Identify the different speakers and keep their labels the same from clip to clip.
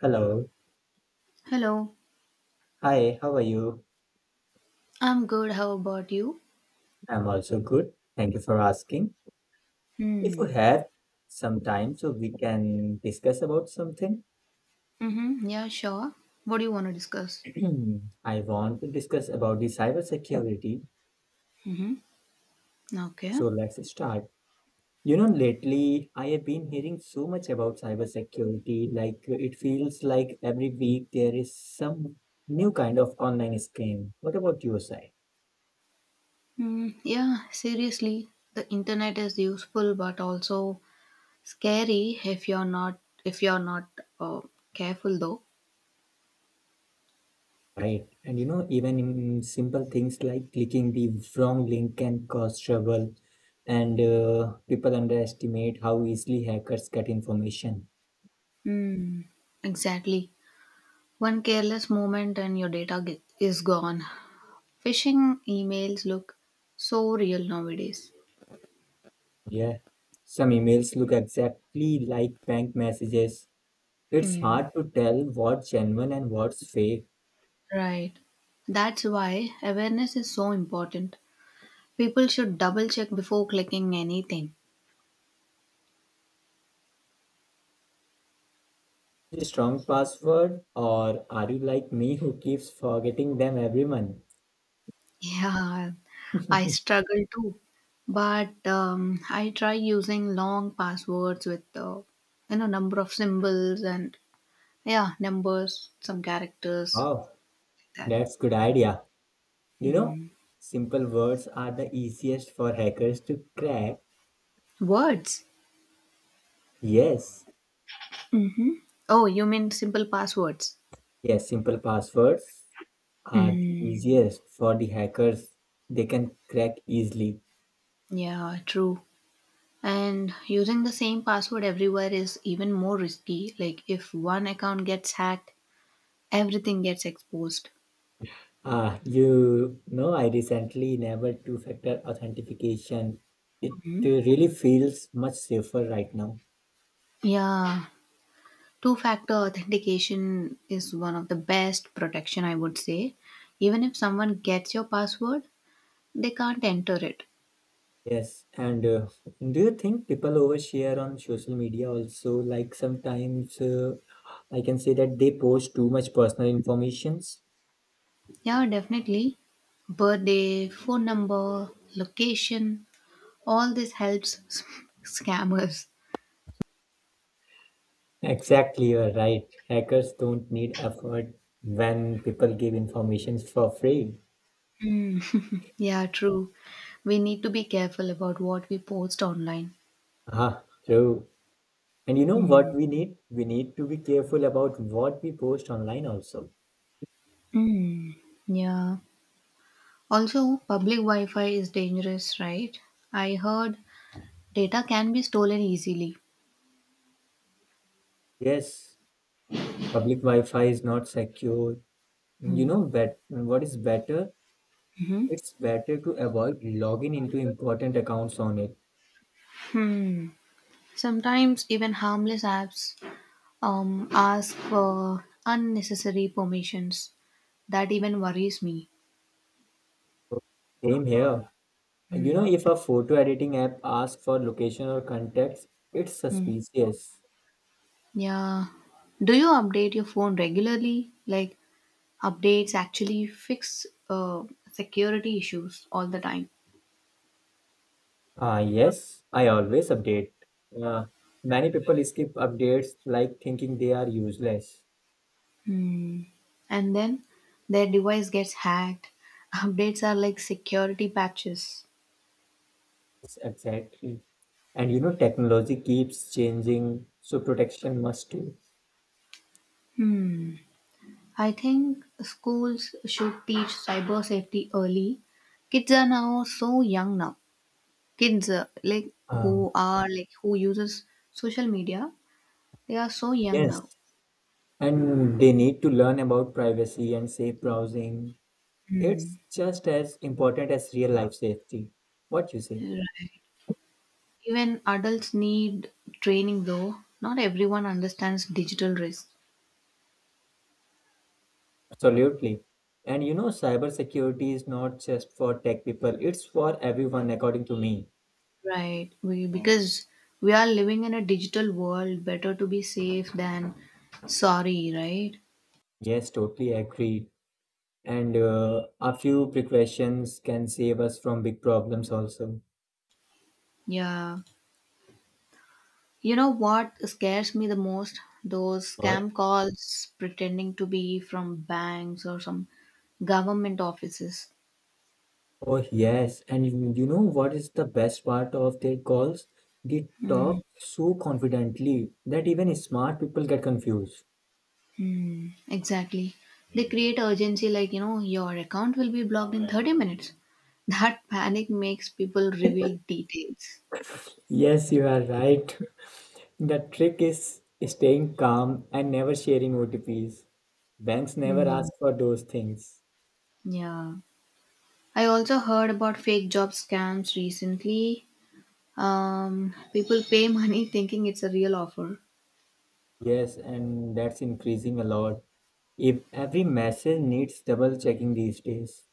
Speaker 1: Hello.
Speaker 2: Hello,
Speaker 1: Hi, how are you?
Speaker 2: I'm good. How about you?
Speaker 1: I'm also good. Thank you for asking. If you
Speaker 2: Hmm.
Speaker 1: have some time, so we can discuss about something.
Speaker 2: Mm-hmm. Yeah, sure. What do you want to discuss?
Speaker 1: I want to discuss about the cybersecurity.
Speaker 2: Mm-hmm. Okay.
Speaker 1: So let's start. You know, lately I have been hearing so much about cybersecurity. Like it feels like every week there is some new kind of online scam. What about your side?
Speaker 2: Hmm. Yeah, seriously, the internet is useful but also scary if you're not uh, careful though.
Speaker 1: Right. And you know, even in simple things like clicking the wrong link can cause trouble, and people underestimate how easily hackers get information.
Speaker 2: Hmm. Exactly. One careless moment and your data ge- is gone. Phishing emails look so real nowadays.
Speaker 1: Yeah. Some emails look exactly like bank messages. It's
Speaker 2: Hmm.
Speaker 1: hard to tell what's genuine and what's fake.
Speaker 2: Right. That's why awareness is so important. People should double check before clicking anything.
Speaker 1: A strong password, or are you like me who keeps forgetting them every month?
Speaker 2: Yeah, I struggle too, but I try using long passwords with you know number of symbols and yeah numbers, some characters
Speaker 1: Oh,
Speaker 2: like that.
Speaker 1: that's good idea. You know,
Speaker 2: Hmm.
Speaker 1: simple words are the easiest for hackers to crack.
Speaker 2: Words.
Speaker 1: Yes,
Speaker 2: Mm-hmm. Oh, you mean simple passwords?
Speaker 1: yes, simple passwords are the
Speaker 2: Mm,
Speaker 1: easiest for the hackers. They can crack easily.
Speaker 2: yeah, true. And using the same password everywhere is even more risky. Like if one account gets hacked, everything gets exposed.
Speaker 1: Ah, you know, I recently enabled two-factor authentication. It really feels much safer right now.
Speaker 2: Yeah, two factor authentication is one of the best protection, I would say. Even if someone gets your password, they can't enter it.
Speaker 1: Yes, and do you think people overshare on social media also? Like sometimes I can say that they post too much personal informations.
Speaker 2: Yeah, definitely. Birthday, phone number, location, all this helps s- scammers.
Speaker 1: Exactly, you're right. Hackers don't need effort when people give information for free.
Speaker 2: Hmm. Yeah, true. We need to be careful about what we post online.
Speaker 1: Ah, true. And you know
Speaker 2: Hmm.
Speaker 1: what we need? We need to be careful about what we post online also.
Speaker 2: Hmm. Yeah. Also, public Wi Fi is dangerous, right? I heard data can be stolen easily.
Speaker 1: Yes, public Wi-Fi is not secure. You know,
Speaker 2: Hmm.
Speaker 1: bet what is better?
Speaker 2: Mhm.
Speaker 1: It's better to avoid logging into important accounts on it.
Speaker 2: Hmm. Sometimes even harmless apps ask for unnecessary permissions. That even worries me.
Speaker 1: Same here. You know, if a photo editing app asks for location or contacts, it's
Speaker 2: Hmm.
Speaker 1: suspicious.
Speaker 2: Yeah. Do you update your phone regularly? Like updates actually fix security issues all the time.
Speaker 1: Yes, I always update. Uh, Many people skip updates like thinking they are useless.
Speaker 2: And then their device gets hacked. Updates are like security patches.
Speaker 1: Exactly. And you know, technology keeps changing, so protection must too.
Speaker 2: I think schools should teach cyber safety early. Kids are now so young now. Kids like
Speaker 1: Uh,
Speaker 2: who are like who uses social media, they are so young now.
Speaker 1: yes. And they need to learn about privacy and safe browsing.
Speaker 2: Hmm.
Speaker 1: It's just as important as real life safety. What you say?
Speaker 2: Right. Even adults need training though. Not everyone understands digital risk.
Speaker 1: Absolutely. And you know, cybersecurity is not just for tech people, it's for everyone, according to me.
Speaker 2: Right. We because we are living in a digital world, better to be safe than sorry, right?
Speaker 1: Yes, totally agree. And a few precautions can save us from big problems also.
Speaker 2: Yeah. You know what scares me the most? Those
Speaker 1: What?
Speaker 2: scam calls pretending to be from banks or some government offices.
Speaker 1: Oh, yes. And you know what is the best part of their calls? They
Speaker 2: Hmm.
Speaker 1: talk so confidently that even smart people get confused.
Speaker 2: Hmm, exactly. They create urgency like, you know, your account will be blocked in 30 minutes. That panic makes people reveal details.
Speaker 1: Yes, you are right. The trick is staying calm and never sharing OTPs. Banks never
Speaker 2: Hmm.
Speaker 1: ask for those things.
Speaker 2: Yeah. I also heard about fake job scams recently. People pay money thinking it's a real offer.
Speaker 1: Yes, and that's increasing a lot. If every message needs double checking these days.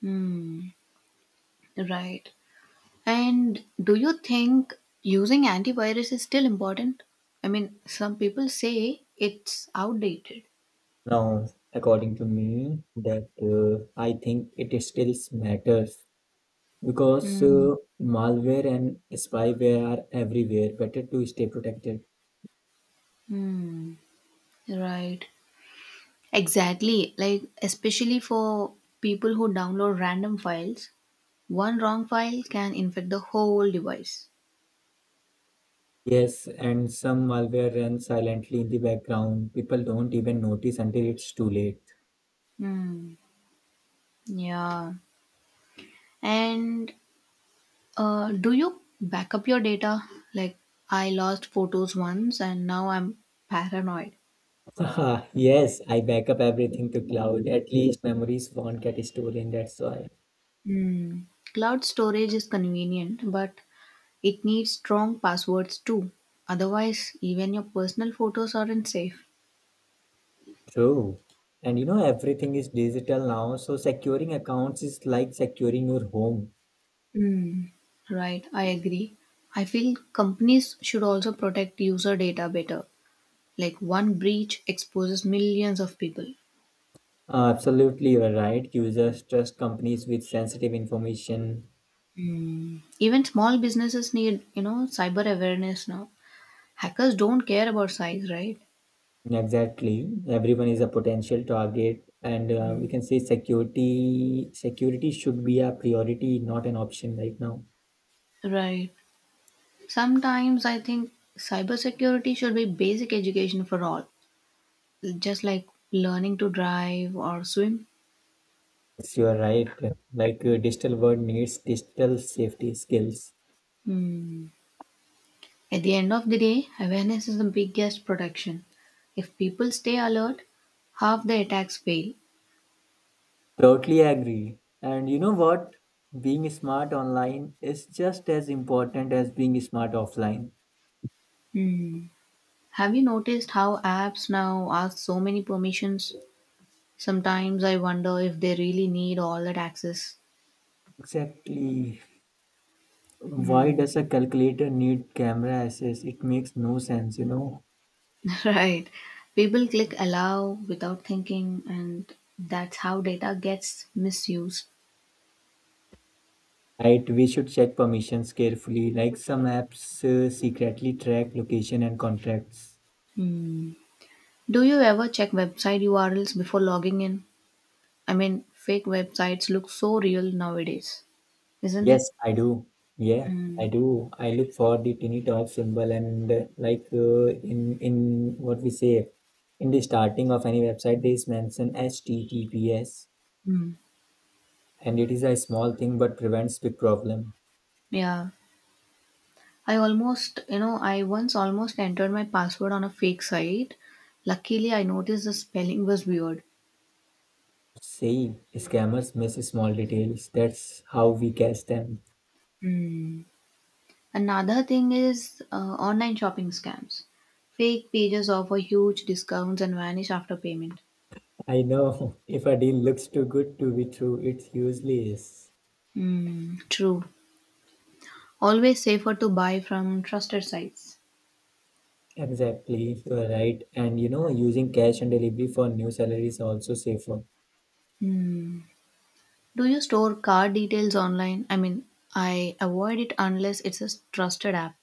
Speaker 2: Hmm. Right. And do you think using antivirus is still important? I mean, some people say it's outdated.
Speaker 1: Now, according to me, that I think it still matters because
Speaker 2: Hmm.
Speaker 1: malware and spyware are everywhere. Better to stay protected.
Speaker 2: Hmm. Right. Exactly, like especially for people who download random files, one wrong file can infect the whole device.
Speaker 1: Yes, and some malware runs silently in the background. People don't even notice until it's too late.
Speaker 2: Hmm. Yeah. And do you back up your data? Like I lost photos once, and now I'm paranoid.
Speaker 1: Haha, yes, I backup everything to cloud. At least memories won't get stolen. That's why.
Speaker 2: Hmm. Cloud storage is convenient, but it needs strong passwords too. Otherwise, even your personal photos aren't safe.
Speaker 1: True. And you know, everything is digital now, so securing accounts is like securing your home.
Speaker 2: Mm, right, I agree. I feel companies should also protect user data better. Like one breach exposes millions of people.
Speaker 1: Absolutely, you are right. Users trust companies with sensitive information.
Speaker 2: Hmm. Even small businesses need, you know, cyber awareness now. Hackers don't care about size, right?
Speaker 1: Exactly. Everyone is a potential target, and we can say security should be a priority, not an option right now.
Speaker 2: Right. Sometimes I think cybersecurity should be basic education for all, just like learning to drive or swim.
Speaker 1: Yes, you are right. Like digital world needs digital safety skills.
Speaker 2: Hmm. At the end of the day, awareness is the biggest protection. If people stay alert, half the attacks fail.
Speaker 1: Totally agree. And you know what? Being smart online is just as important as being smart offline.
Speaker 2: Hmm. Have you noticed how apps now ask so many permissions? Sometimes I wonder if they really need all that access.
Speaker 1: Exactly. Why
Speaker 2: Hmm.
Speaker 1: does a calculator need camera access? It makes no sense, you know.
Speaker 2: Right. People click allow without thinking, and that's how data gets misused.
Speaker 1: Right, we should check permissions carefully. Like some apps secretly track location and contacts.
Speaker 2: Hmm. Do you ever check website URLs before logging in? I mean, fake websites look so real nowadays, isn't it?
Speaker 1: Yes, I do. Yeah, I
Speaker 2: Mm,
Speaker 1: do. I look for the tiny dot symbol and like in what we say in the starting of any website, there is mention HTTPS,
Speaker 2: mm.
Speaker 1: and it is a small thing but prevents big problem.
Speaker 2: Yeah. I almost, you know, I once almost entered my password on a fake site. Luckily, I noticed the spelling was weird.
Speaker 1: See, scammers miss small details. That's how we catch them.
Speaker 2: Mm. Another thing is online shopping scams. Fake pages offer huge discounts and vanish after payment.
Speaker 1: I know. If a deal looks too good to be true, it usually is.
Speaker 2: Mm, true. Always safer to buy from trusted sites.
Speaker 1: Exactly, you are right. And you know, using cash and delivery for new salary is also safer.
Speaker 2: Hmm. Do you store card details online? I mean, I avoid it unless it's a trusted app.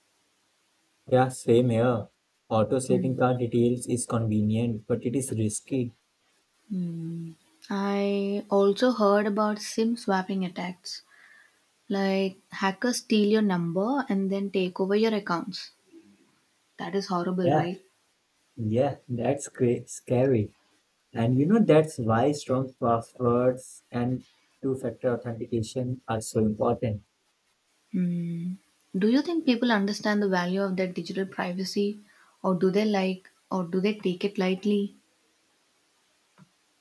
Speaker 1: Yeah, same here. Auto saving
Speaker 2: Hmm.
Speaker 1: card details is convenient, but it is risky.
Speaker 2: Hmm. I also heard about SIM swapping attacks, like hackers steal your number and then take over your accounts. That is horrible,
Speaker 1: Yeah,
Speaker 2: right?
Speaker 1: yeah, scary. And you know, that's why strong passwords and two-factor authentication are so important.
Speaker 2: Hmm. Do you think people understand the value of their digital privacy, or do they take it lightly?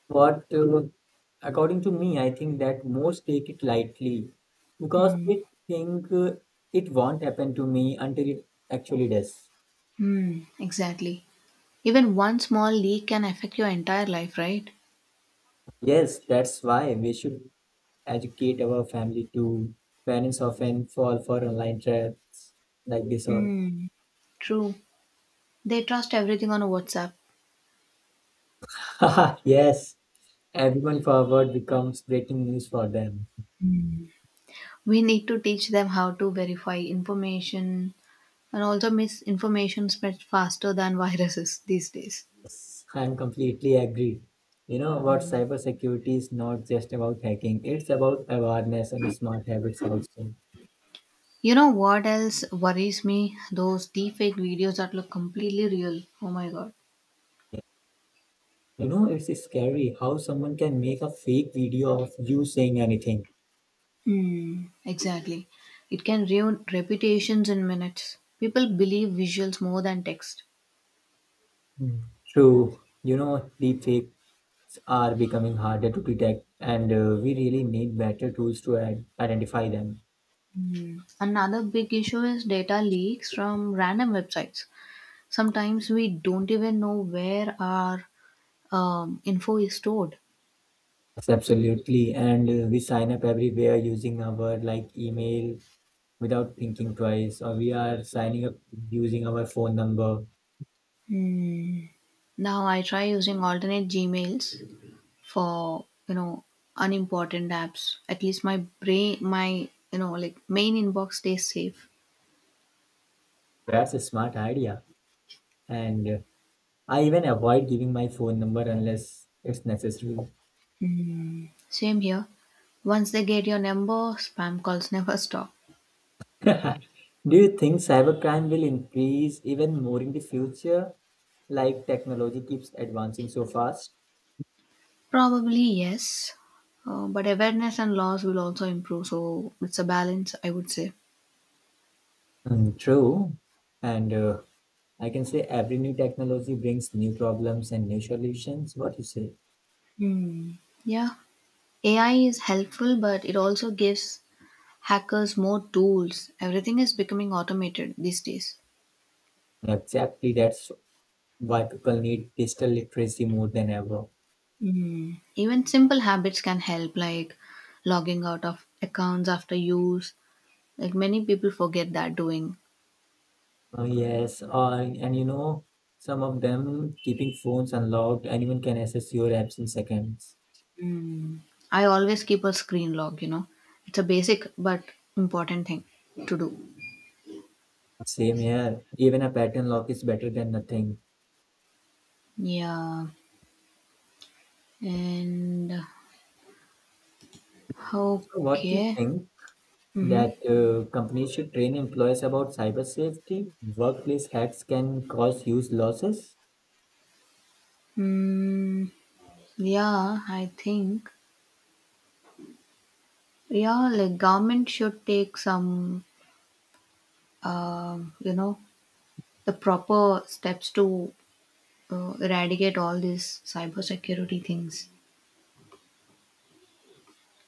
Speaker 1: What According to me, I think that most take it lightly because
Speaker 2: Hmm.
Speaker 1: they think it won't happen to me until it actually does.
Speaker 2: Hmm. Exactly. Even one small leak can affect your entire life, right?
Speaker 1: Yes, that's why we should educate our family too. Parents often fall for online traps like this one.
Speaker 2: Hmm. True. They trust everything on WhatsApp.
Speaker 1: Yes, everyone forward becomes breaking news for them.
Speaker 2: We need to teach them how to verify information, and also misinformation spreads faster than viruses these days.
Speaker 1: Yes, I'm completely agree. You know what? Cybersecurity is not just about hacking; it's about awareness and smart habits also.
Speaker 2: You know what else worries me? Those deepfake videos that look completely real. Oh my god.
Speaker 1: You know, it's scary how someone can make a fake video of you saying anything.
Speaker 2: Hmm, exactly. It can ruin reputations in minutes. People believe visuals more than text.
Speaker 1: Hmm. True. You know, deepfakes are becoming harder to detect, and we really need better tools to identify them.
Speaker 2: Hmm. Another big issue is data leaks from random websites. Sometimes we don't even know where our info is stored.
Speaker 1: Yes, absolutely. And we sign up everywhere using our like email without thinking twice, or we are signing up using our phone number.
Speaker 2: Hmm. Now I try using alternate Gmails for you know unimportant apps, at least my brain my you know like main inbox stays safe.
Speaker 1: That's a smart idea. And I even avoid giving my phone number unless it's necessary.
Speaker 2: Same here, once they get your number spam calls never stop.
Speaker 1: Do you think cybercrime will increase even more in the future? Like technology keeps advancing so fast.
Speaker 2: Probably yes, but awareness and laws will also improve, so it's a balance, I would say.
Speaker 1: Mm, true. And I can say every new technology brings new problems and new solutions. What you say?
Speaker 2: Hmm. Yeah, ai is helpful but it also gives hackers more tools, everything is becoming automated these days.
Speaker 1: Exactly. That's why people need digital literacy more than ever.
Speaker 2: Mm. Even simple habits can help, like logging out of accounts after use. Like many people forget that doing.
Speaker 1: Yes. And you know, some of them keeping phones unlocked, anyone can access your apps in seconds.
Speaker 2: Mm. I always keep a screen log, you know. It's a basic but important thing to do.
Speaker 1: Same here. Even a pattern lock is better than nothing.
Speaker 2: Yeah. And
Speaker 1: So what do you
Speaker 2: okay.
Speaker 1: think?
Speaker 2: Mm-hmm.
Speaker 1: That companies should train employees about cyber safety. Workplace hacks can cause huge losses.
Speaker 2: Mm, yeah, I think. Yeah, like government should take some, you know, the proper steps to eradicate all these cybersecurity things.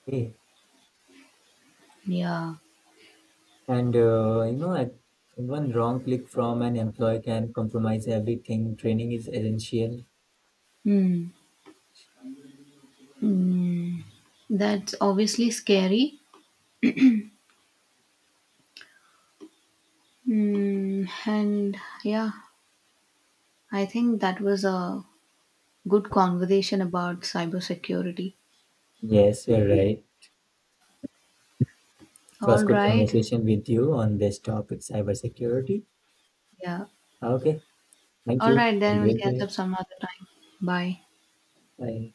Speaker 1: Eh,
Speaker 2: Yeah.
Speaker 1: and you know, at one wrong click from an employee can compromise everything. Training is essential.
Speaker 2: Hmm. That's obviously scary. Mm, and yeah, I think that was a good conversation about cybersecurity.
Speaker 1: Yes, you're right. It
Speaker 2: All
Speaker 1: was good
Speaker 2: right.
Speaker 1: conversation with you on this topic, cybersecurity.
Speaker 2: Yeah.
Speaker 1: Okay, thank
Speaker 2: All
Speaker 1: you.
Speaker 2: right,
Speaker 1: Have a
Speaker 2: then we'll
Speaker 1: great
Speaker 2: catch
Speaker 1: day.
Speaker 2: up some other time. Bye.
Speaker 1: Bye.